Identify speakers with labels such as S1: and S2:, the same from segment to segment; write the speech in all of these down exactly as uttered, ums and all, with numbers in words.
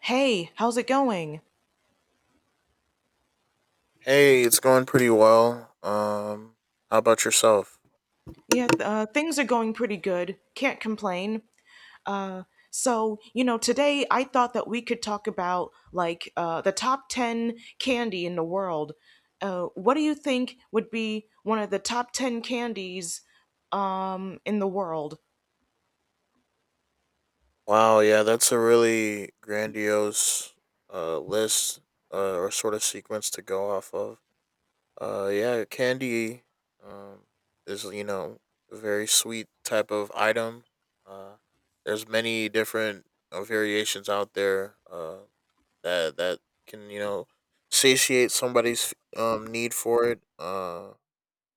S1: Hey, how's it going?
S2: Hey, it's going pretty well. Um, how about yourself?
S1: Yeah, th- uh, things are going pretty good. Can't complain. Uh, so, you know, Today I thought that we could talk about like uh, the top ten candy in the world. Uh, what do you think would be one of the top ten candies in the world?
S2: Wow, yeah, that's a really grandiose uh list uh, or sort of sequence to go off of. Uh, yeah, candy um is you know a very sweet type of item. Uh, there's many different uh, variations out there. Uh, that that can you know satiate somebody's um need for it. Uh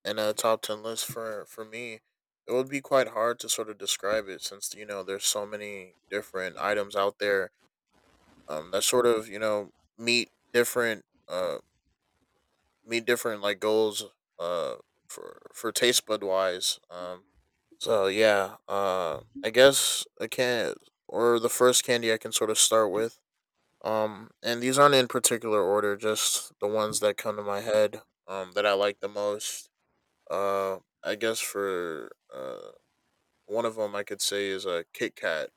S2: And a top ten list for for me, it would be quite hard to sort of describe it since you know there's so many different items out there um that sort of you know meet different uh meet different like goals uh for for taste bud wise, um so yeah, uh i guess i can't, or the first candy I can sort of start with. Um and these aren't in particular order, just the ones that come to my head, um that I like the most. um, I guess for uh one of them, I could say is a Kit Kat.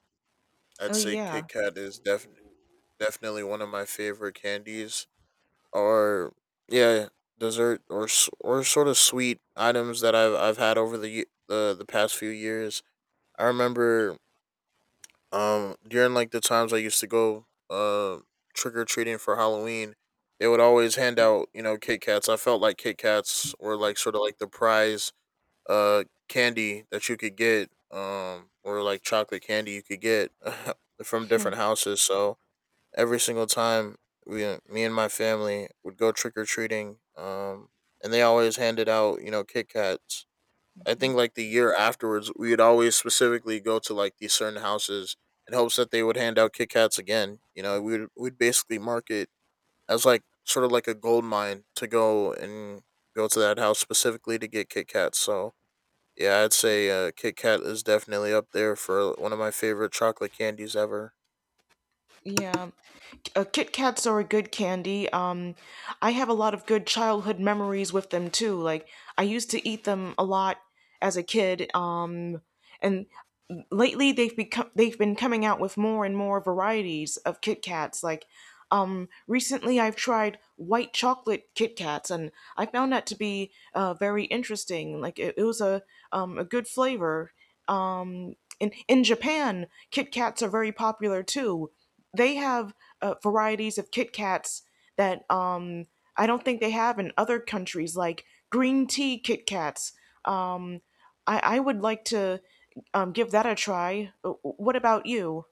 S2: I'd
S1: Oh,
S2: say
S1: yeah.
S2: Kit Kat is definitely definitely one of my favorite candies. Or yeah, dessert or s- or sort of sweet items that I've I've had over the ye- the the past few years. I remember um during like the times I used to go uh trick or treating for Halloween. They would always hand out, you know, Kit Kats. I felt like Kit Kats were like sort of like the prize uh candy that you could get um or like chocolate candy you could get from different houses. So every single time we uh, me and my family would go trick or treating, um and they always handed out, you know, Kit Kats. I think like the year afterwards, we would always specifically go to like these certain houses in hopes that they would hand out Kit Kats again. You know, we would we'd basically mark it as like sort of like a gold mine to go and go to that house specifically to get Kit Kats. So yeah, I'd say uh, Kit Kat is definitely up there for one of my favorite chocolate candies ever.
S1: Yeah, uh, Kit Kats are a good candy. Um, I have a lot of good childhood memories with them too. Like I used to eat them a lot as a kid. Um, and Lately they've become they've been coming out with more and more varieties of Kit Kats. Like um, recently, I've tried white chocolate Kit Kats, and I found that to be uh, very interesting. Like it, it was a um, a good flavor. Um, in in Japan, Kit Kats are very popular too. They have uh, varieties of Kit Kats that um, I don't think they have in other countries, like green tea Kit Kats. Um, I, I would like to um, give that a try. Uh, What about you?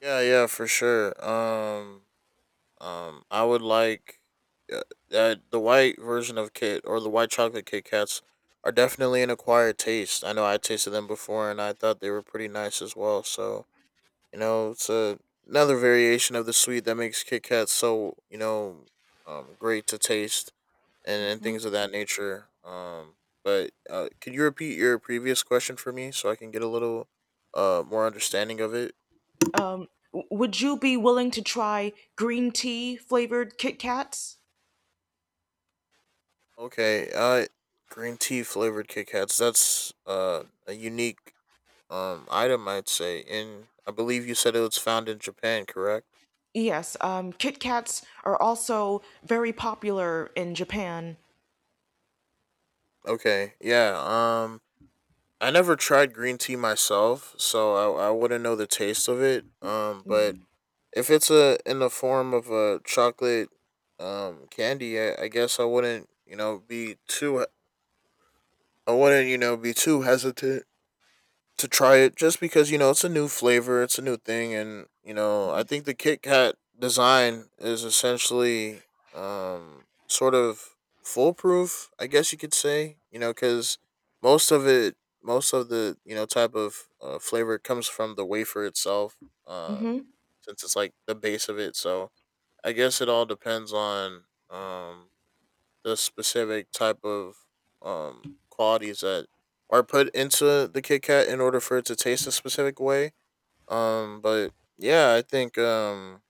S2: Yeah, yeah, for sure. Um, um, I would like uh, uh, the white version of Kit, or the white chocolate Kit Kats, are definitely an acquired taste. I know I tasted them before and I thought they were pretty nice as well. So you know, it's a, another variation of the sweet that makes Kit Kats so you know um, great to taste. and and
S1: Hmm.
S2: things of that nature. Um, but uh, could you repeat your previous question for me so I can get a little uh more understanding of it?
S1: Um, would you be willing to try green tea flavored Kit Kats?
S2: Okay, uh, green tea flavored Kit Kats. That's uh a unique um item, I'd say. In, I believe you said it was found in Japan, correct?
S1: Yes, um, Kit Kats are also very popular in Japan.
S2: Okay, yeah. Um, I never tried green tea myself, so I I wouldn't know the taste of it. Um, but if it's a in the form of a chocolate um candy, I, I guess I wouldn't, you know, be too, I wouldn't, you know, be too hesitant to try it just because, you know, it's a new flavor, it's a new thing, and, you know, I think the Kit Kat design is essentially um sort of foolproof, I guess you could say, you know, cuz most of it most of the, you know, type of uh, flavor comes from the wafer itself. Um
S1: Hmm.
S2: since it's like the base of it. So I guess it all depends on um the specific type of um qualities that are put into the Kit Kat in order for it to taste a specific way. Um, but yeah, I think um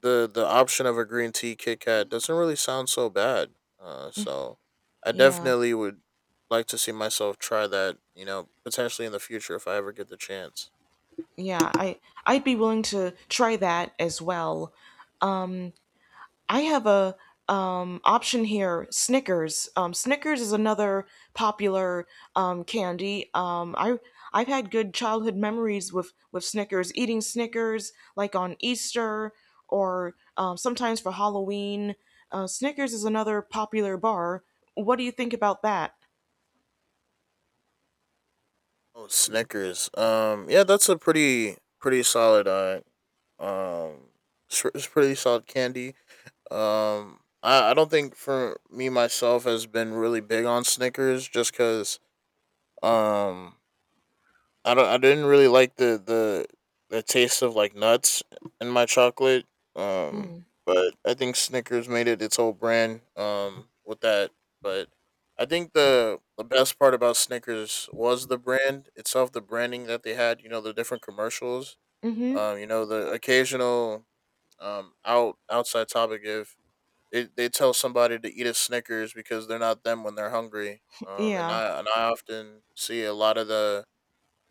S2: the the option of a green tea Kit Kat doesn't really sound so bad. Uh, so I
S1: Yeah,
S2: definitely would like to see myself try that. You know, potentially in the future if I ever get the chance.
S1: yeah, I I'd be willing to try that as well. I have a um, option here. Snickers. Um, Snickers is another popular um, candy. Um, I I've had good childhood memories with with Snickers. Eating Snickers like on Easter or um, sometimes for Halloween. Uh, Snickers is another popular bar. What do you think about that?
S2: Oh, Snickers. Um, yeah, that's a pretty pretty solid uh Um, it's, it's pretty solid candy. Um, I, I don't think for me myself has been really big on Snickers just because um I don't I didn't really like the the the taste of like nuts in my chocolate. Um,
S1: Hmm.
S2: but I think Snickers made it its whole brand Um, with that. But I think the the best part about Snickers was the brand itself, the branding that they had. You know, the different commercials,
S1: Mm-hmm.
S2: um, you know, the occasional um out outside topic if they, they tell somebody to eat a Snickers because they're not them when they're hungry. Um, and
S1: Yeah.
S2: I and I often see a lot of the,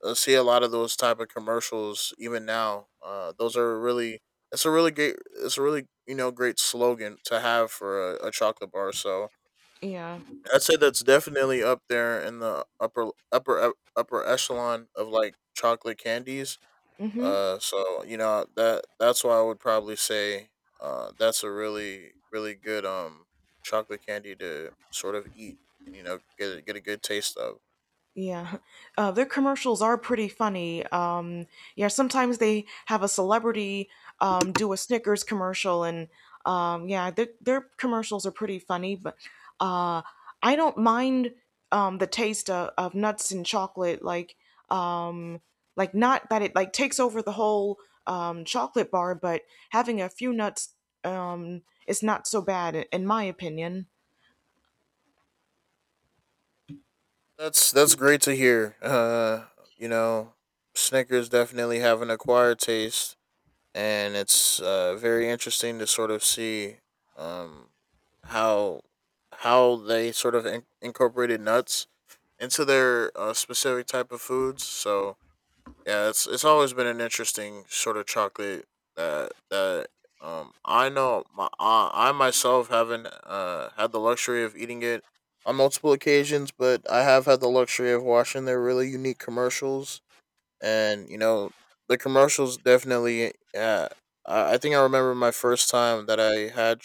S2: I see a lot of those type of commercials even now. Uh, those are really, it's a really great, it's a really, you know, great slogan to have for a, a chocolate bar. So
S1: Yeah.
S2: I'd say that's definitely up there in the upper upper upper echelon of like chocolate candies,
S1: Mm-hmm.
S2: uh, so you know that that's why I would probably say, uh, that's a really really good um chocolate candy to sort of eat and you know get a, get a good taste of.
S1: Yeah, uh, their commercials are pretty funny. Um, yeah, sometimes they have a celebrity um, do a Snickers commercial, and um, yeah, their their commercials are pretty funny. But uh, I don't mind um, the taste of, of nuts and chocolate. Like, um, like not that it like takes over the whole um, chocolate bar, but having a few nuts um, is not so bad, in in my opinion.
S2: That's that's great to hear. Uh, you know, Snickers definitely have an acquired taste, and it's uh, very interesting to sort of see um how how they sort of in- incorporated nuts into their uh, specific type of foods. So yeah, it's it's always been an interesting sort of chocolate that that um I know my, I, I myself haven't uh had the luxury of eating it on multiple occasions, but I have had the luxury of watching their really unique commercials and you know the commercials definitely. Yeah, I I think I remember my first time that I had,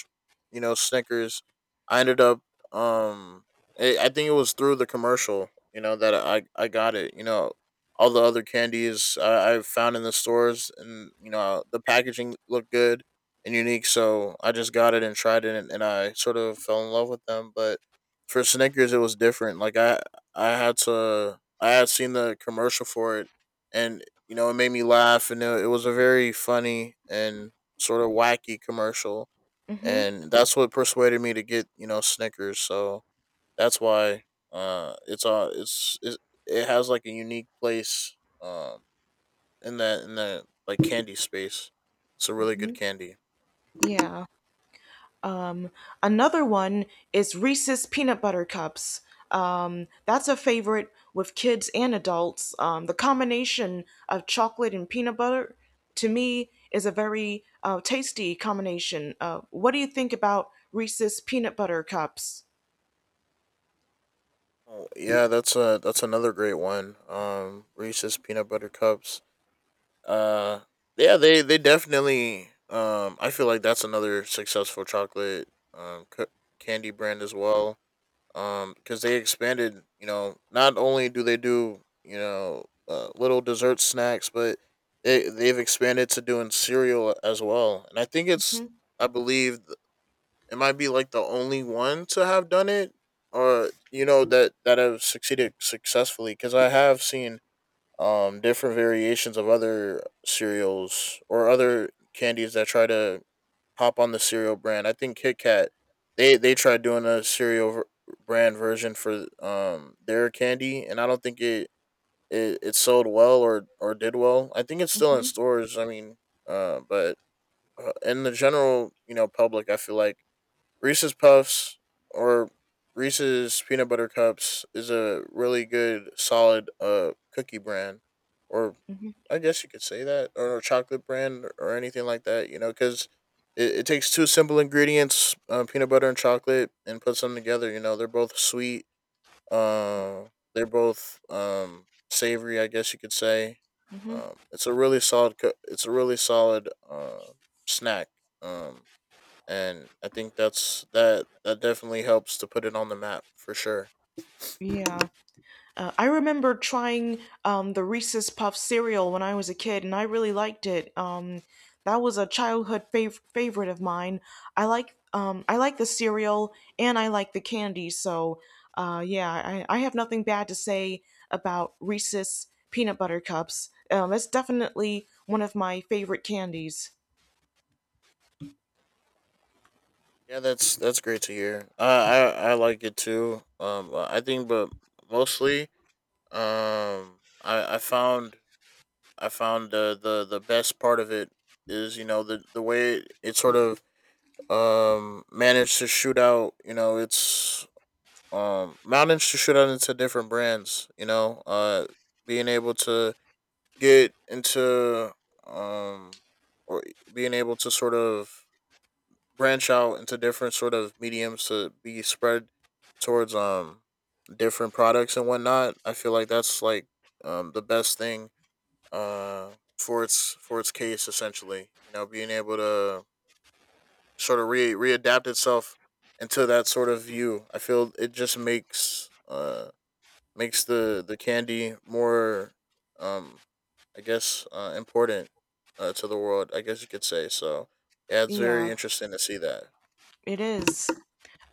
S2: you know, Snickers. I ended up, um, I I think it was through the commercial, you know, that I I got it. You know, all the other candies I, I found in the stores, and you know, the packaging looked good and unique, so I just got it and tried it, and, and I sort of fell in love with them. But for Snickers, it was different. Like I I had to, I had seen the commercial for it, and you know it made me laugh, and it, it was a very funny and sort of wacky commercial,
S1: Mm-hmm.
S2: and that's what persuaded me to get you know Snickers. So that's why uh, it's uh, it's it, it has like a unique place um in that, in that like candy space. It's a really good candy.
S1: Yeah. Another one is Reese's Peanut Butter Cups. Um, that's a favorite with kids and adults. Um, the combination of chocolate and peanut butter, to me, is a very uh, tasty combination. Uh, what do you think about Reese's Peanut Butter Cups?
S2: Oh, yeah, that's a, that's another great one. Um, Reese's peanut butter cups. Uh, yeah, they they definitely. Um, I feel like that's another successful chocolate um c- candy brand as well. Um, because they expanded. You know, not only do they do you know uh, little dessert snacks, but they they've expanded to doing cereal as well. And I think it's,
S1: Hmm.
S2: I believe th- it might be like the only one to have done it, or you know that that have succeeded successfully. Because I have seen um, different variations of other cereals or other candies that try to hop on the cereal brand. I think Kit Kat, they they tried doing a cereal ver- brand version for um their candy, and I don't think it, it it sold well, or or did well. I think it's still in
S1: Hmm.
S2: stores. I mean, uh, but uh, in the general you know public, I feel like Reese's Puffs or Reese's peanut butter cups is a really good solid uh cookie brand, or
S1: Hmm.
S2: I guess you could say that, or a chocolate brand, or, or anything like that. You know, because it, it takes two simple ingredients, uh, peanut butter and chocolate, and puts them together. You know, they're both sweet. Uh, they're both um savory, I guess you could say.
S1: Hmm.
S2: Um, it's a really solid. Co- it's a really solid uh, snack. Um, and I think that's that. That definitely helps to put it on the map for sure.
S1: Yeah. Uh, I remember trying um, the Reese's Puff cereal when I was a kid, and I really liked it. Um, that was a childhood fav- favorite of mine. I like um, I like the cereal and I like the candy. So uh, yeah, I, I have nothing bad to say about Reese's peanut butter cups. Um, it's definitely one of my favorite candies.
S2: Yeah, that's that's great to hear. I I, I like it too. Um, I think, but mostly Um, I I found, I found the the the best part of it is you know the the way it, it sort of um managed to shoot out you know it's um managed to shoot out into different brands you know uh being able to get into um or being able to sort of branch out into different sort of mediums to be spread towards um different products and whatnot. I feel like that's like um the best thing uh, for its, for its case essentially. You know, being able to sort of re readapt itself into that sort of view. I feel it just makes uh makes the the candy more um I guess uh important uh to the world, I guess you could say. So yeah, it's very
S1: Yeah,
S2: interesting to see that.
S1: it is.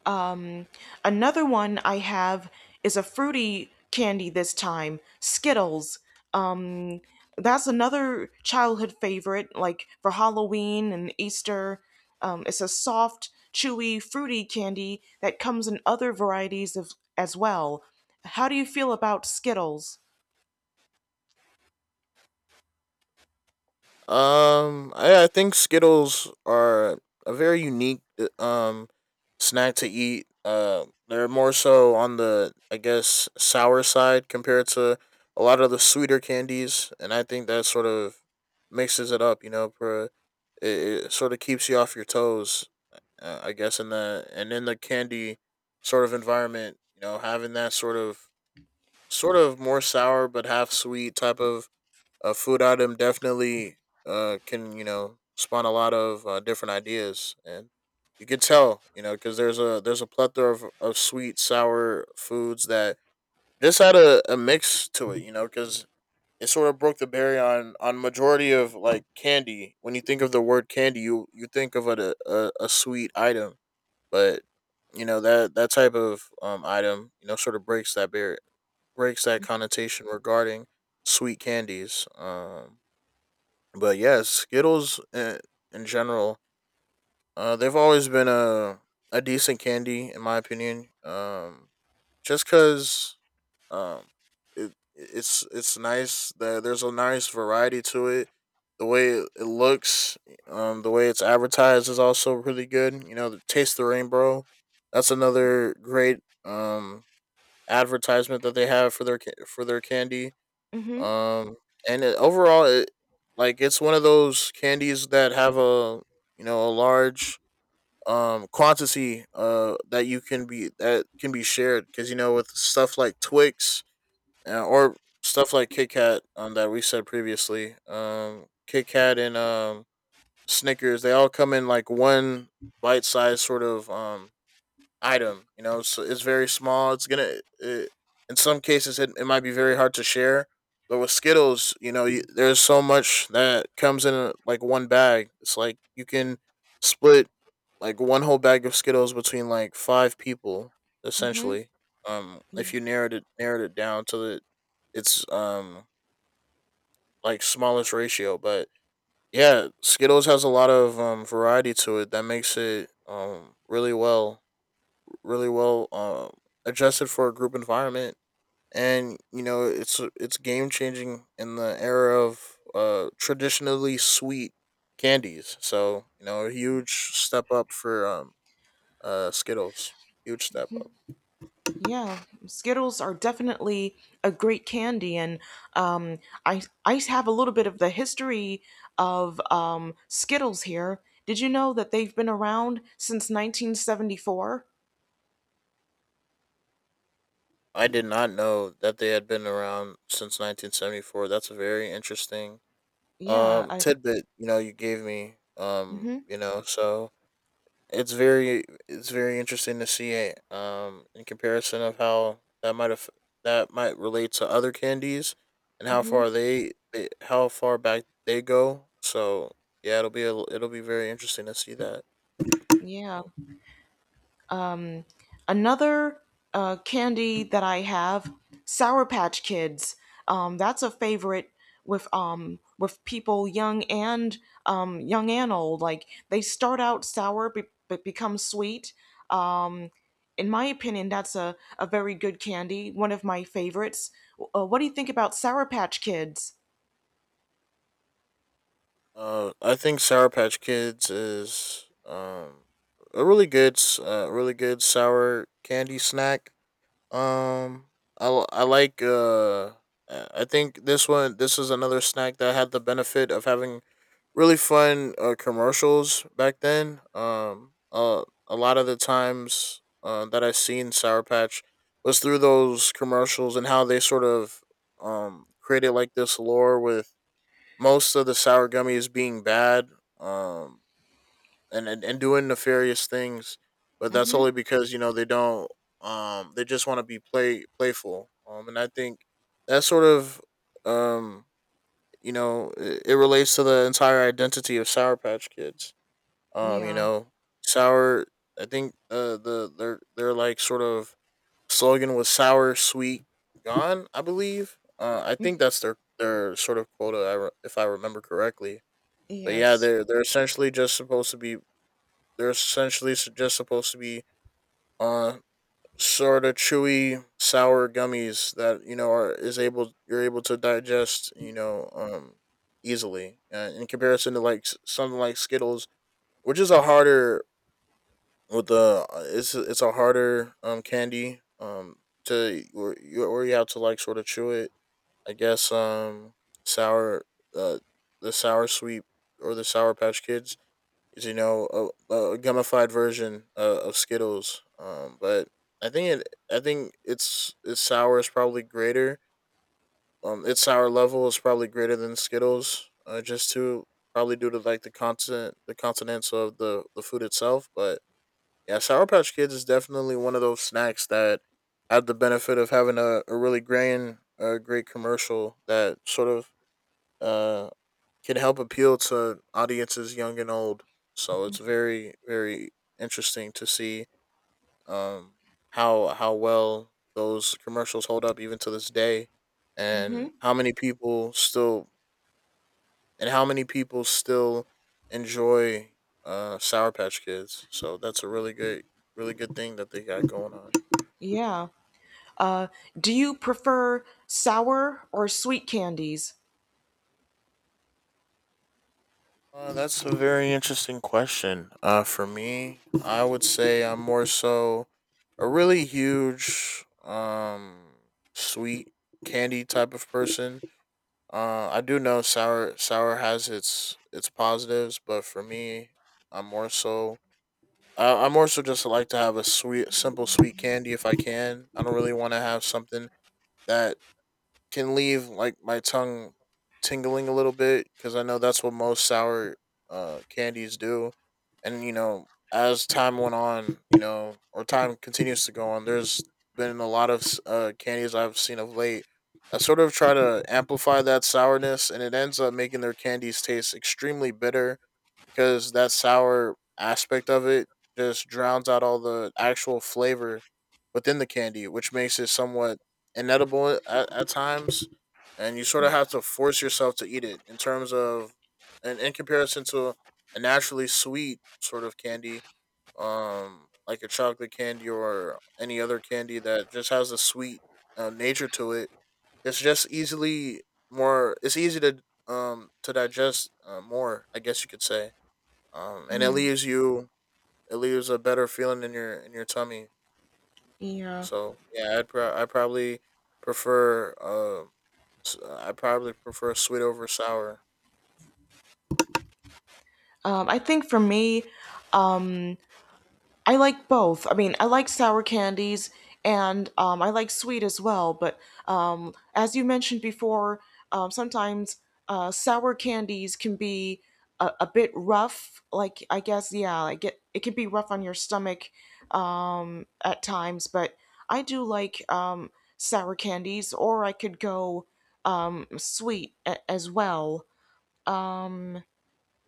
S1: Um, another one I have is a fruity candy this time, Skittles. Um, that's another childhood favorite, like for Halloween and Easter. Um, it's a soft, chewy, fruity candy that comes in other varieties of as well. How do you feel about Skittles?
S2: Um, I, I think Skittles are a very unique uh, um snack to eat. Uh, they're more so on the, I guess, sour side compared to a lot of the sweeter candies, and I think that sort of mixes it up. You know, for it, it sort of keeps you off your toes. Uh, I guess in the and in the candy sort of environment, you know, having that sort of sort of more sour but half sweet type of uh, food item definitely uh, can, you know, spawn a lot of uh, different ideas, and you could tell, you know, because there's a there's a plethora of, of sweet sour foods that just had a, a mix to it, you know, because it sort of broke the barrier on on majority of like candy. When you think of the word candy, you you think of it a, a, a sweet item, but you know that that type of um item, you know, sort of breaks that barrier, breaks that connotation regarding sweet candies. Um, but yes, Skittles in, in general, uh, they've always been a a decent candy in my opinion. Um, just because um, it it's it's nice that there's a nice variety to it. The way it it looks, um, the way it's advertised is also really good. You know, the Taste the Rainbow, that's another great um advertisement that they have for their ca- for their candy,
S1: Mm-hmm.
S2: um, and it, overall, it, like it's one of those candies that have a, you know, a large um quantity uh that you can be that can be shared, because, you know, with stuff like Twix uh, or stuff like Kit Kat, um, that we said previously, um, Kit Kat and um Snickers, they all come in like one bite size sort of um item. You know, so it's very small. It's gonna it, in some cases it, it might be very hard to share. But with Skittles, you know, you, there's so much that comes in, uh, like, one bag. It's like you can split like one whole bag of Skittles between like five people
S1: Mm-hmm.
S2: essentially. Um, if
S1: Yeah.
S2: you narrowed it narrowed it down to the its um like smallest ratio. But yeah, Skittles has a lot of um variety to it that makes it um really well, really well um, adjusted for a group environment, and, you know, it's it's game changing in the era of uh, traditionally sweet candies. So, you know, a huge step up for um, uh, Skittles. Huge step up.
S1: Yeah, Skittles are definitely a great candy, and um, I I have a little bit of the history of um, Skittles here. Did you know that they've been around since nineteen seventy-four?
S2: I did not know that they had been around since nineteen seventy-four. That's a very interesting
S1: Yeah,
S2: um
S1: I,
S2: tidbit, you know, you gave me. Um,
S1: mm-hmm.
S2: you know, so it's very it's very interesting to see it um in comparison of how that might have that might relate to other candies and how far
S1: Mm-hmm.
S2: they, they how far back they go. So yeah, it'll be a, it'll be very interesting to see that.
S1: Yeah.
S2: Oh,
S1: Another uh, candy that I have, Sour Patch Kids. Um, that's a favorite with um with people young and um young and old. Like they start out sour but, but become sweet. In my opinion, that's a, a very good candy, one of my favorites. Uh, what do you think about Sour Patch Kids?
S2: uh I think Sour Patch Kids is um a really good s- uh really good sour candy snack. Um I l- I like uh I I think this one, this is another snack that had the benefit of having really fun uh, commercials back then. Um, uh, a lot of the times uh, that I've seen Sour Patch was through those commercials, and how they sort of um, created like this lore with most of the sour gummies being bad, um, and, and, and doing nefarious things. But that's only
S1: Mm-hmm.
S2: because, you know, they don't, um, they just want to be play playful. Um, and I think that sort of, um, you know, it, it relates to the entire identity of Sour Patch Kids. Um, you
S1: Yeah.
S2: know, sour. I think, uh, the their their like sort of slogan was sour, sweet, gone, I believe. Uh, I think that's their their sort of quota, I re- if I remember correctly. But yeah,
S1: Yes.
S2: they're they're essentially just supposed to be. They're essentially s- just supposed to be uh sort of chewy sour gummies that, you know, are is able you're able to digest, you know, um easily, uh, in comparison to like, s- something like Skittles, which is a harder, with the uh, it's a- it's a harder um candy um to, or you or you have to like sort of chew it, I guess. Um sour uh the sour sweet, or the Sour Patch Kids, is, you know, a, a gummified version uh, of Skittles. Um, but I think it, I think its its sour is probably greater. Um, its sour level is probably greater than Skittles, uh, just to probably due to like the content, the continents of the the food itself. But yeah, Sour Patch Kids is definitely one of those snacks that had the benefit of having a, a really grand, a great commercial that sort of uh can help appeal to audiences young and old. So it's very, very interesting to see um how how well those commercials hold up even to this day
S1: Mm-hmm.
S2: and how many people still and how many people still enjoy uh Sour Patch Kids. So that's a really good, really good thing that they got going on.
S1: Yeah. Uh, do you prefer sour or sweet candies?
S2: Uh, that's a very interesting question. Uh, for me, I would say I'm more so a really huge, um, sweet candy type of person. Uh, I do know sour sour has its its positives, but for me, I'm more so I, I more so just like to have a sweet, simple sweet candy if I can. I don't really want to have something that can leave like my tongue tingling a little bit because I know that's what most sour uh, candies do. And, you know, as time went on, you know, or time continues to go on, there's been a lot of s- uh, candies I've seen of late that sort of try to amplify that sourness, and it ends up making their candies taste extremely bitter because that sour aspect of it just drowns out all the actual flavor within the candy, which makes it somewhat inedible at, at times, and you sort of have to force yourself to eat it. In terms of, and in comparison to a naturally sweet sort of candy, um, like a chocolate candy or any other candy that just has a sweet uh, nature to it, it's just easily more. It's easy to um to digest uh, more, I guess you could say. Um, and it leaves you, it leaves a better feeling in your, in your tummy.
S1: Yeah.
S2: So yeah, I'd pro- I probably prefer um, I probably prefer sweet over sour.
S1: Um, I think for me, um. I like both. I mean, I like sour candies and um, I like sweet as well. But um, as you mentioned before, um, sometimes uh, sour candies can be a, a bit rough. Like I guess, yeah, like it, it can be rough on your stomach um, at times. But I do like um, sour candies, or I could go um, sweet a- as well.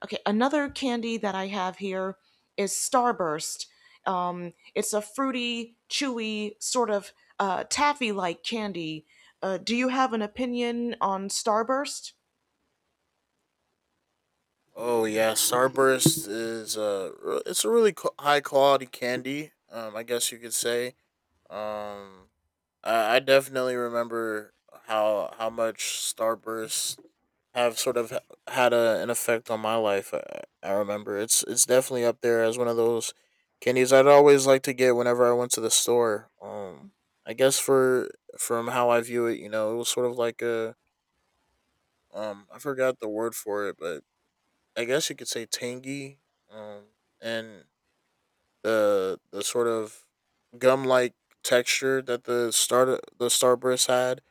S1: Okay, another candy that I have here is Starburst. Um, it's a fruity, chewy, sort of uh, taffy like candy. Uh, do you have an opinion on Starburst?
S2: Oh yeah, Starburst is, uh, re- it's a really co- high quality candy, Um, I guess you could say. Um, I, I definitely remember how how much Starburst have sort of h- had a, an effect on my life. I, I remember it's it's definitely up there as one of those candies I'd always like to get whenever I went to the store. Um, I guess for, from how I view it, you know, it was sort of like a, um I forgot the word for it, but I guess you could say tangy. Um, and the the sort of gum like texture that the star the Starburst had,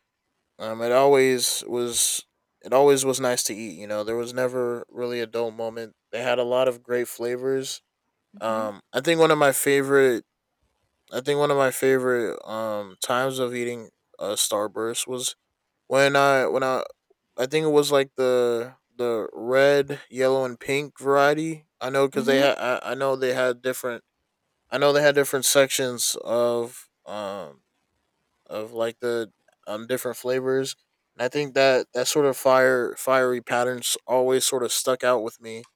S2: um, it always was. It always was nice to eat. You know, there was never really a dull moment. They had a lot of great flavors.
S1: Mm hmm.
S2: Um, I think one of my favorite. I think one of my favorite um times of eating a Starburst was when I when I I think it was like the the red, yellow, and pink variety. I know because they
S1: Mm
S2: had. I, I know they had different. I know they had different sections of um of like the um different flavors. And I think that that sort of fire fiery patterns always sort of stuck out with me.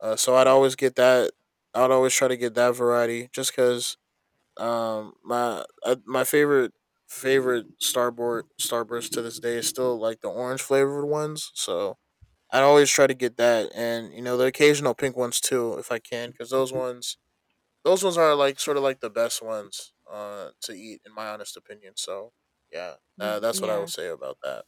S2: Uh, so I'd always get that. I'd always try to get that variety just because um my uh, my favorite, favorite starboard Starburst to this day is still like the orange flavored ones. So I'd always try to get that, and, you know, the occasional pink ones too if I can, because those ones, those ones are like sort of like the best ones uh to eat in my honest opinion. So yeah, uh,
S1: hmm.
S2: that's what I would
S1: Yeah.
S2: say about that.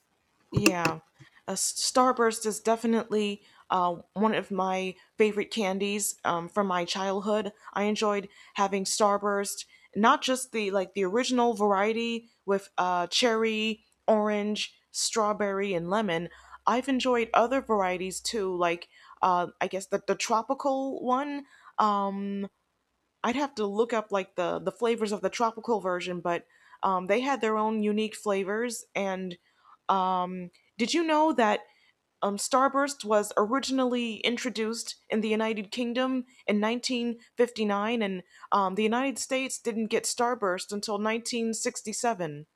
S1: Yeah, a Starburst is definitely uh, one of my favorite candies um, from my childhood. I enjoyed having Starburst, not just the like the original variety with uh, cherry, orange, strawberry, and lemon. I've enjoyed other varieties too, like uh, I guess the, the tropical one. Um, I'd have to look up like the the flavors of the tropical version, but um, they had their own unique flavors. And um, did you know that um, Starburst was originally introduced in the United Kingdom in nineteen fifty-nine, and um, the United States didn't get Starburst until nineteen sixty-seven?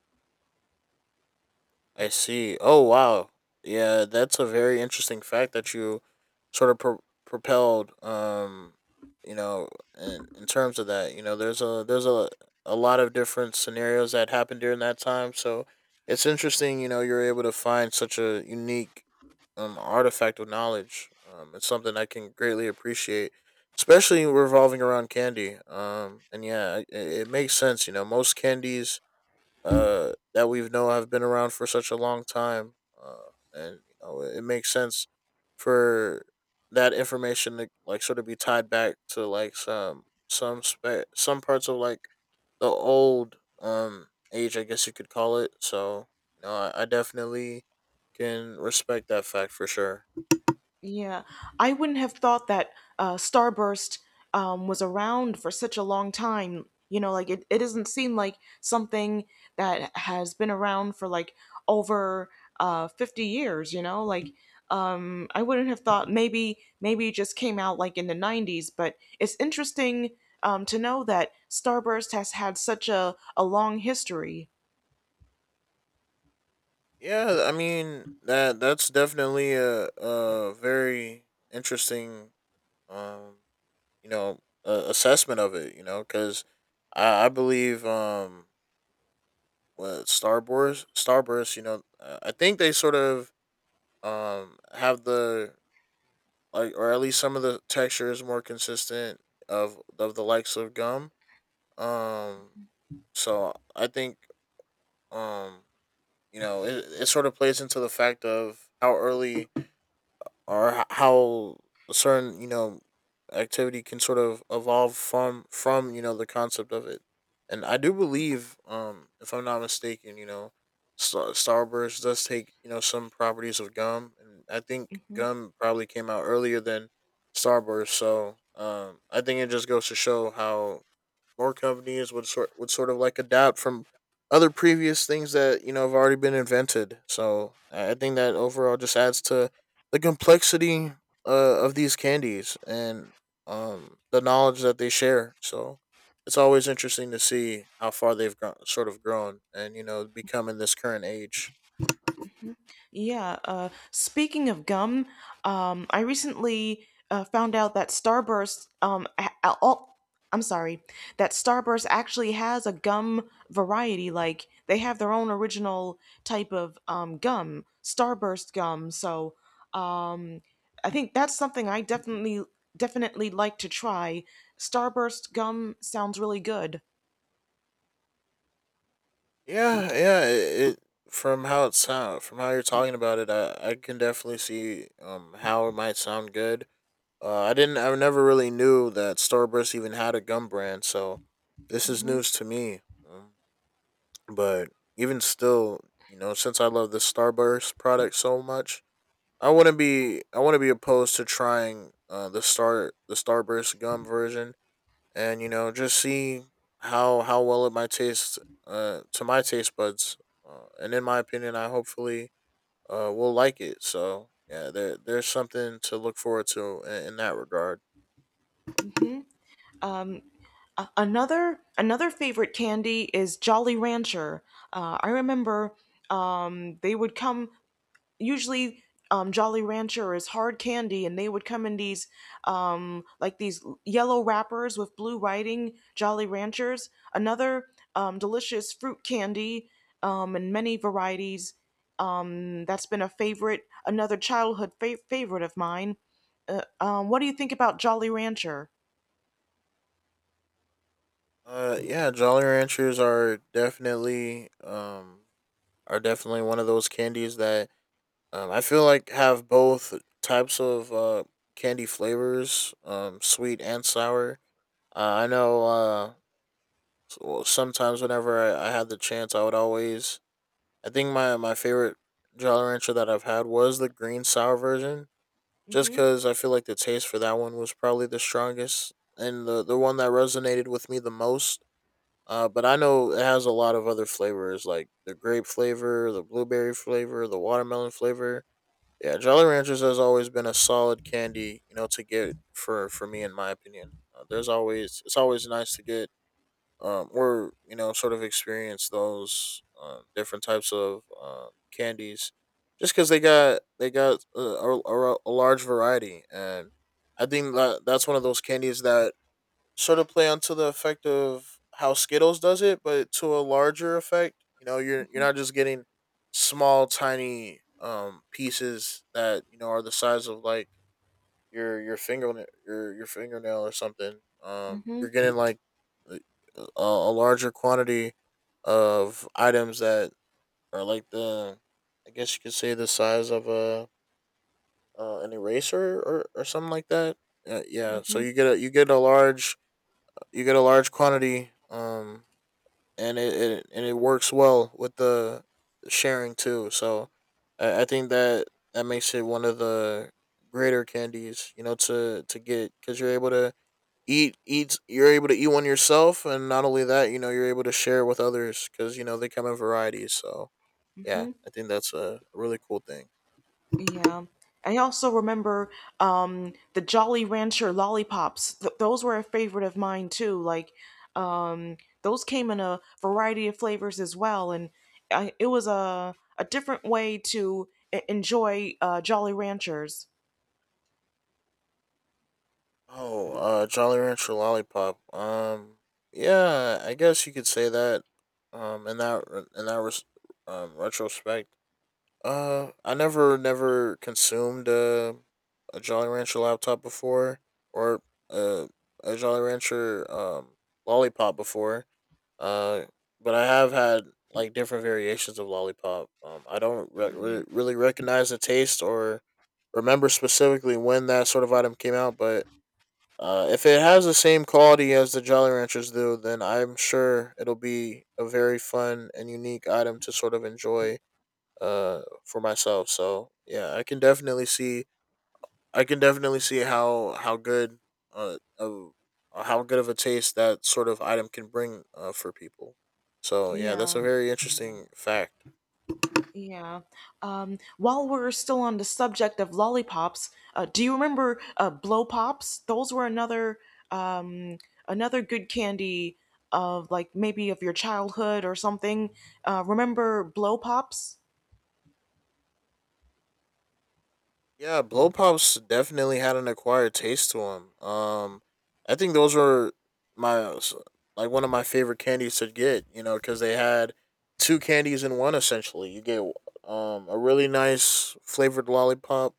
S2: I see. Oh wow, yeah, that's a very interesting fact that you sort of pro- propelled. Um, you know, in in terms of that, you know, there's a there's a a lot of different scenarios that happened during that time. So it's interesting, you know, you're able to find such a unique, um, artifact of knowledge. Um, it's something I can greatly appreciate, especially revolving around candy. Um, and yeah, it, it makes sense. You know, most candies uh, that we know have been around for such a long time, uh, and you know, it, makes sense for that information to like sort of be tied back to like some some spe- some parts of like the old um age, I guess you could call it. So you know, I, I definitely can respect that fact for sure.
S1: Yeah, I wouldn't have thought that uh, Starburst um, was around for such a long time. You know, like it, it doesn't seem like something that has been around for like over uh, fifty years, you know? Like, um, I wouldn't have thought, maybe maybe it just came out like in the nineties, but it's interesting um, to know that Starburst has had such a, a long history.
S2: Yeah, I mean that that's definitely a a very interesting, um you know uh, assessment of it you know because I, I believe, um what Starburst Starburst you know uh, I think they sort of, um have the, like, or at least some of the texture is more consistent of of the likes of gum, um so I think, um you know it, it sort of plays into the fact of how early or h- how a certain, you know activity can sort of evolve from from you know the concept of it. And I do believe, um if I'm not mistaken, you know Star- Starburst does take, you know some properties of gum, and I think
S1: Mm-hmm.
S2: gum probably came out earlier than Starburst. So um I think it just goes to show how more companies would sort would sort of like adapt from other previous things that, you know have already been invented. So I think that overall just adds to the complexity uh, of these candies and um, the knowledge that they share. So it's always interesting to see how far they've gro- sort of grown and you know become in this current age.
S1: Yeah, uh, speaking of gum, um, I recently uh, found out that Starburst, um, a- a- oh, I'm sorry, that Starburst actually has a gum variety. Like they have their own original type of um, gum, Starburst gum. So um, I think that's something I definitely definitely like to try. Starburst gum sounds really good.
S2: Yeah, yeah. It, it from how it sound From how you're talking about it, I, I can definitely see um how it might sound good. Uh, I didn't. I never really knew that Starburst even had a gum brand, so this is
S1: Mm-hmm.
S2: news to me. Um, but even still, you know, since I love the Starburst product so much, I wouldn't be. I wouldn't be opposed to trying, uh, the star the Starburst gum version, and, you know, just see how how well it might taste, uh, to my taste buds. Uh, and in my opinion, I hopefully, uh, will like it. So yeah, there there's something to look forward to in, in that regard.
S1: Mm-hmm. A- another another favorite candy is Jolly Rancher. Uh, I remember um, they would come usually. Um, Jolly Rancher is hard candy, and they would come in these um, like these yellow wrappers with blue writing. Jolly Ranchers, another um, delicious fruit candy um, in many varieties. Um, that's been a favorite, another childhood fa- favorite of mine. Uh, um, what do you think about Jolly Rancher?
S2: Uh, yeah, Jolly Ranchers are definitely um are definitely one of those candies that, um I feel like have both types of uh candy flavors, um sweet and sour. Uh, I know, uh s- well, sometimes whenever I, I had the chance, I would always I think my my favorite Jolly Rancher that I've had was the green sour version, just
S1: Hmm.
S2: because I feel like the taste for that one was probably the strongest and the the one that resonated with me the most, uh, but I know it has a lot of other flavors like the grape flavor, the blueberry flavor, the watermelon flavor. Yeah, Jolly Ranchers has always been a solid candy, you know, to get for for me in my opinion. Uh, there's always It's always nice to get, um or, you know sort of experience those, um, different types of, um, candies, just because they got they got uh, a, a, a large variety, and I think that that's one of those candies that sort of play onto the effect of how Skittles does it, but to a larger effect. You know, you're you're not just getting small, tiny um pieces that, you know are the size of like your your fingernail, your your fingernail or something. Um,
S1: Hmm.
S2: you're getting like a, a larger quantity of items that are like the, I guess you could say, the size of a uh, an eraser or or something like that. Uh, yeah, so
S1: Hmm.
S2: you get a you get a large you get a large quantity, um, and it, it and it works well with the sharing too. So I, I think that that makes it one of the greater candies, you know, to to get because you're able to eat eat you're able to eat one yourself, and not only that, you know, you're able to share with others because you know they come in varieties. So yeah,
S1: Hmm.
S2: I think that's a really cool thing.
S1: Yeah. I also remember um, the Jolly Rancher lollipops. Th- those were a favorite of mine too. Like, um, those came in a variety of flavors as well, and I, it was a a different way to e- enjoy uh, Jolly Ranchers.
S2: Oh, uh, Jolly Rancher Lollipop. Um, yeah, I guess you could say that. Um, in that in that res- um, retrospect, uh, I never never consumed a a Jolly Rancher laptop before, or a a Jolly Rancher um lollipop before. Uh, but I have had like different variations of lollipop. Um, I don't re-
S1: Yeah.
S2: re- really recognize the taste or remember specifically when that sort of item came out, but, uh, if it has the same quality as the Jolly Ranchers do, then I'm sure it'll be a very fun and unique item to sort of enjoy, uh, for myself. So yeah, I can definitely see I can definitely see how how good uh, of how good of a taste that sort of item can bring, uh, for people. So yeah, that's
S1: Yeah.
S2: a very interesting fact.
S1: Yeah. Um, while we're still on the subject of lollipops, uh, do you remember uh, blow pops? Those were another um, another good candy of like maybe of your childhood or something. Uh, remember blow pops?
S2: Yeah, blow pops definitely had an acquired taste to them. Um, I think those were my like one of my favorite candies to get. You know, because they had two candies in one essentially. You get um a really nice flavored lollipop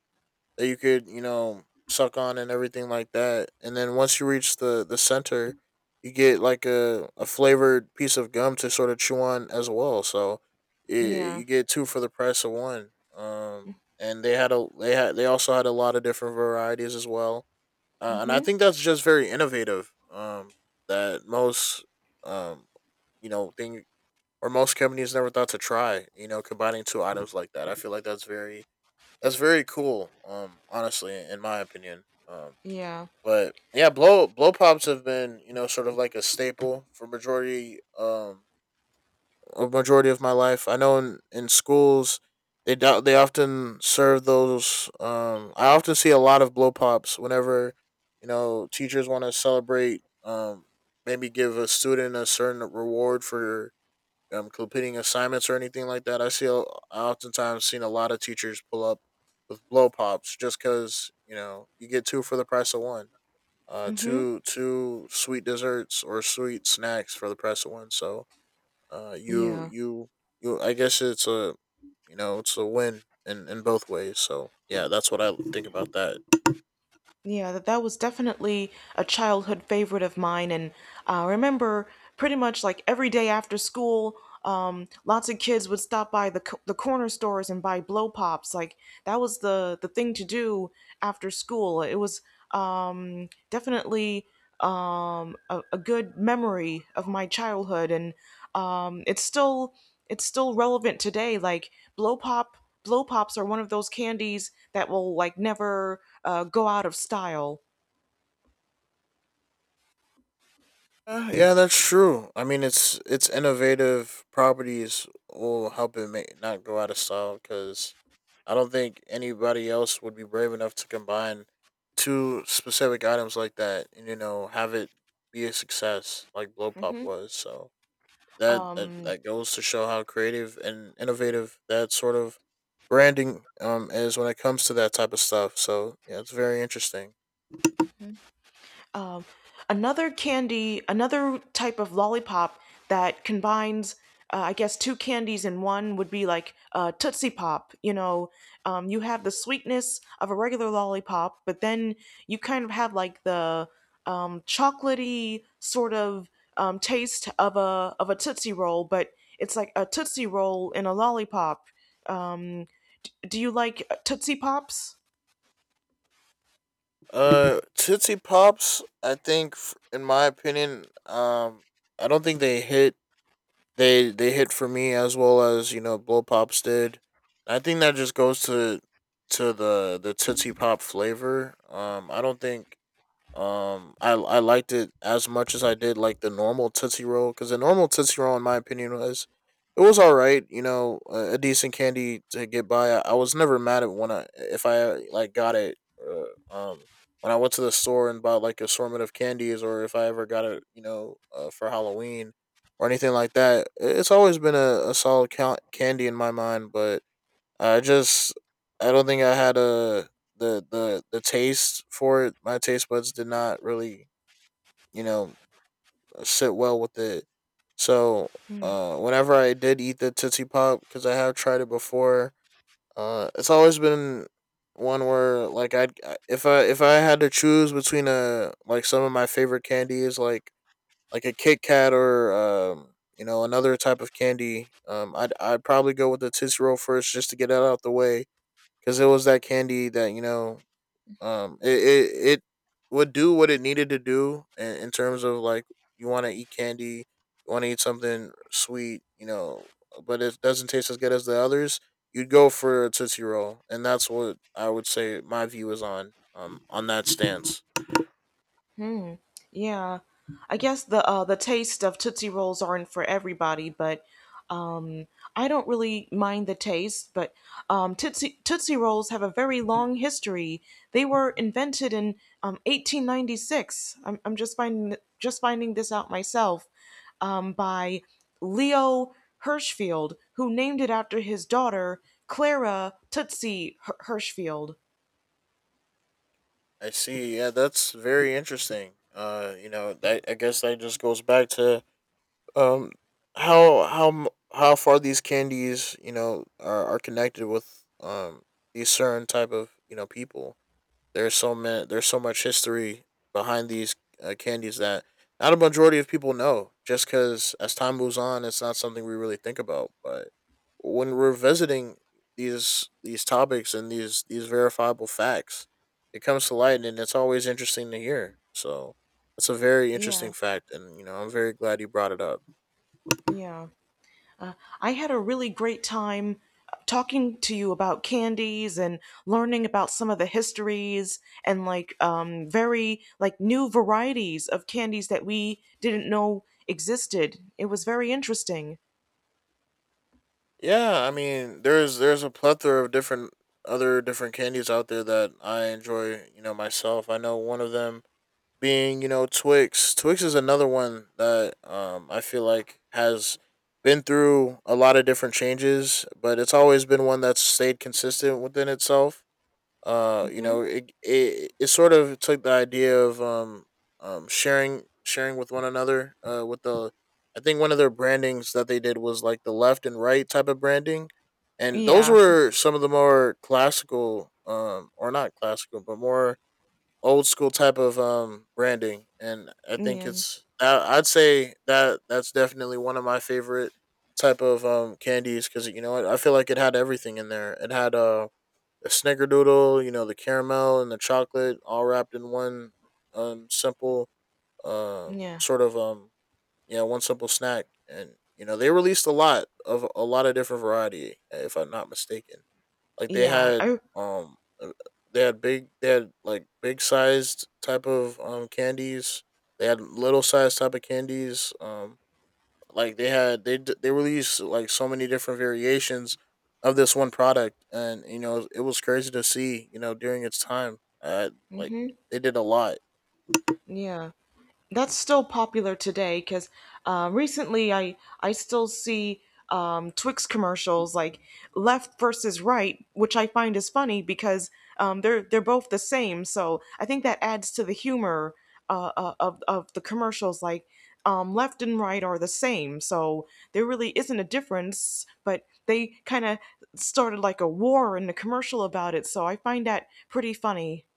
S2: that you could, you know suck on and everything like that, and then once you reach the the center, you get like a, a flavored piece of gum to sort of chew on as well. So, it,
S1: Yeah.
S2: you get two for the price of one, um and they had a they had they also had a lot of different varieties as well, uh, and I
S1: Mhm.
S2: think that's just very innovative, um that most um you know thing or most companies never thought to try, you know combining two items like that. I feel like that's very that's very cool. Um, honestly, in my opinion. Um,
S1: Yeah.
S2: but yeah, blow blow pops have been, you know sort of like a staple for majority um a majority of my life. I know in in schools, they do- they often serve those. Um, I often see a lot of blow pops whenever, you know teachers want to celebrate. Um, maybe give a student a certain reward for, um, completing assignments or anything like that. I see, a- I oftentimes seen a lot of teachers pull up with blow pops just because, you know you get two for the price of one. Uh,
S1: Mhm.
S2: two two sweet desserts or sweet snacks for the price of one. So, uh, you
S1: Yeah.
S2: you you. I guess it's a you know it's a win in in both ways. So yeah, that's what I think about that.
S1: Yeah, that, that was definitely a childhood favorite of mine. And I remember pretty much like every day after school, um, lots of kids would stop by the, co- the corner stores and buy blow pops. Like that was the, the thing to do after school. It was um, definitely um, a, a good memory of my childhood, and um, it's still it's still relevant today. Like blow pop, blow pops are one of those candies that will like never uh, go out of style.
S2: Uh, yeah, that's true. I mean, it's its innovative properties will help it make, not go out of style, because I don't think anybody else would be brave enough to combine two specific items like that and, you know have it be a success like Blow Pop
S1: Hmm.
S2: was. So that that,
S1: Um,
S2: that goes to show how creative and innovative that sort of branding um is when it comes to that type of stuff. So yeah, it's very interesting.
S1: Um, Another candy, another type of lollipop that combines, uh, I guess, two candies in one would be like uh, Tootsie Pop. You know, um, you have the sweetness of a regular lollipop, but then you kind of have like the um, chocolatey sort of um, taste of a of a Tootsie Roll, but it's like a Tootsie Roll in a lollipop. Um, do you like Tootsie Pops?
S2: Uh, Tootsie Pops. I think, f- in my opinion, um, I don't think they hit. They they hit for me as well as, you know Blow Pops did. I think that just goes to to the the Tootsie Pop flavor. Um, I don't think, um, I I liked it as much as I did like the normal Tootsie Roll, because the normal Tootsie Roll, in my opinion, was it was all right. You know, a, a decent candy to get by. I, I was never mad at, when I if I, like, got it. Uh, um, when I went to the store and bought like assortment of candies, or if I ever got it, you know, uh, for Halloween or anything like that, i- it's always been a, a solid count candy in my mind. But I just I don't think I had a the the the taste for it. My taste buds did not really, you know sit well with it. So, uh, whenever I did eat the Tootsie Pop, because I have tried it before, uh, it's always been one where, like, I'd if I if I had to choose between, a like, some of my favorite candies like like a Kit Kat, or um you know another type of candy, um I'd I'd probably go with the Tootsie Roll first just to get that out the way, because it was that candy that, you know um it, it it would do what it needed to do in, in terms of, like, you want to eat candy, you want to eat something sweet, you know but it doesn't taste as good as the others. You'd go for a Tootsie Roll, and that's what I would say my view is on um on that stance.
S1: Hmm. Yeah, I guess the uh, the taste of Tootsie Rolls aren't for everybody, but um, I don't really mind the taste. But um, Tootsie Tootsie Rolls have a very long history. They were invented in um, eighteen ninety-six. I'm, I'm just finding just finding this out myself um, by Leo Hirschfield, who named it after his daughter Clara Tootsie H- Hirschfield.
S2: I see. Yeah, that's very interesting. uh you know that, I guess that just goes back to, Um, how how m- how far these candies, you know, are, are connected with um these certain type of, you know people. There's so many. There's so much history behind these uh, candies that not a majority of people know. Just because as time moves on, it's not something we really think about. But when we're visiting these these topics and these these verifiable facts, it comes to light, and it's always interesting to hear. So that's a very
S1: Yeah,
S2: interesting fact, and you know, I'm very glad you brought it up.
S1: yeah. I had a really great time talking to you about candies and learning about some of the histories and like um, very like new varieties of candies that we didn't know existed. It was very interesting.
S2: Yeah, I mean, there's there's a plethora of different other different candies out there that I enjoy, you know, myself. I know one of them being, you know, Twix. Twix is another one that um I feel like has been through a lot of different changes, but it's always been one that's stayed consistent within itself uh you
S1: Hmm.
S2: know it, it it sort of took the idea of um um sharing sharing with one another uh with the. I think one of their brandings that they did was like the left and right type of branding, and those
S1: Yeah.
S2: were some of the more classical um or not classical but more old school type of um branding. And I think
S1: yeah,
S2: it's I, i'd say that that's definitely one of my favorite type of um candies, because you know i I feel like it had everything in there. It had uh the snickerdoodle, you know, the caramel and the chocolate all wrapped in one um, simple um,
S1: yeah,
S2: sort of um yeah, one simple snack. And you know, they released a lot of a lot of different variety, if I'm not mistaken. Like they
S1: yeah.
S2: had
S1: I
S2: um uh, they had big they had like big sized type of um candies. They had little sized type of candies. Um like they had they d- they released like so many different variations of this one product, and you know it was crazy to see. You know during its time, uh, like they did a lot.
S1: yeah. That's still popular today because uh, recently I I still see um, Twix commercials like left versus right, which I find is funny because um, they're they're both the same. So I think that adds to the humor uh, uh, of of the commercials. Like um, left and right are the same, so there really isn't a difference. But they kind of started like a war in the commercial about it, so I find that pretty funny.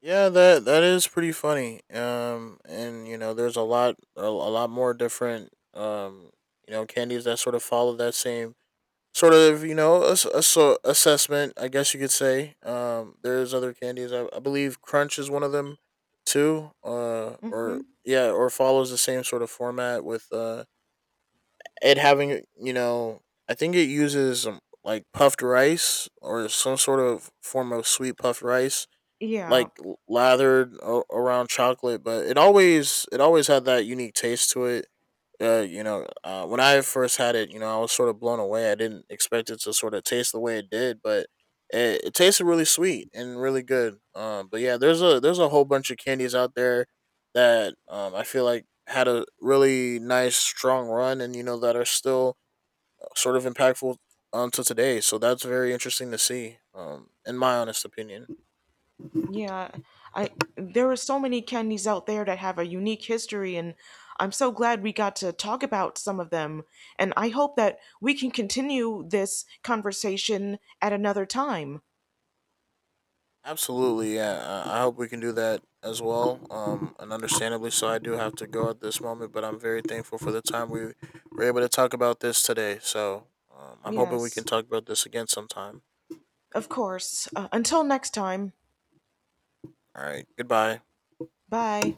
S2: Yeah, that that is pretty funny. Um, and you know there's a lot a, a lot more different um you know candies that sort of follow that same sort of you know a, so assessment, I guess you could say. Um there's other candies I, I believe crunch is one of them too uh or
S1: Hmm.
S2: yeah, or follows the same sort of format with uh it having, you know, I think it uses um, like puffed rice or some sort of form of sweet puffed rice
S1: Yeah.
S2: like l- lathered a- around chocolate. But it always it always had that unique taste to it. Uh, you know, uh, when I first had it, you know, I was sort of blown away. I didn't expect it to sort of taste the way it did, but it, it tasted really sweet and really good. Um, but yeah, there's a there's a whole bunch of candies out there that um, I feel like had a really nice strong run, and you know that are still uh, sort of impactful um, to today. So that's very interesting to see, um, in my honest opinion.
S1: Yeah, I there are so many candies out there that have a unique history, and I'm so glad we got to talk about some of them. And I hope that we can continue this conversation at another time.
S2: Absolutely, yeah. I I hope we can do that as well. Um, and understandably so, I do have to go at this moment, but I'm very thankful for the time we were able to talk about this today. So um, I'm hoping we can
S1: Yes,
S2: talk about this again sometime.
S1: of course. Uh, until next time,
S2: All right, goodbye.
S1: bye.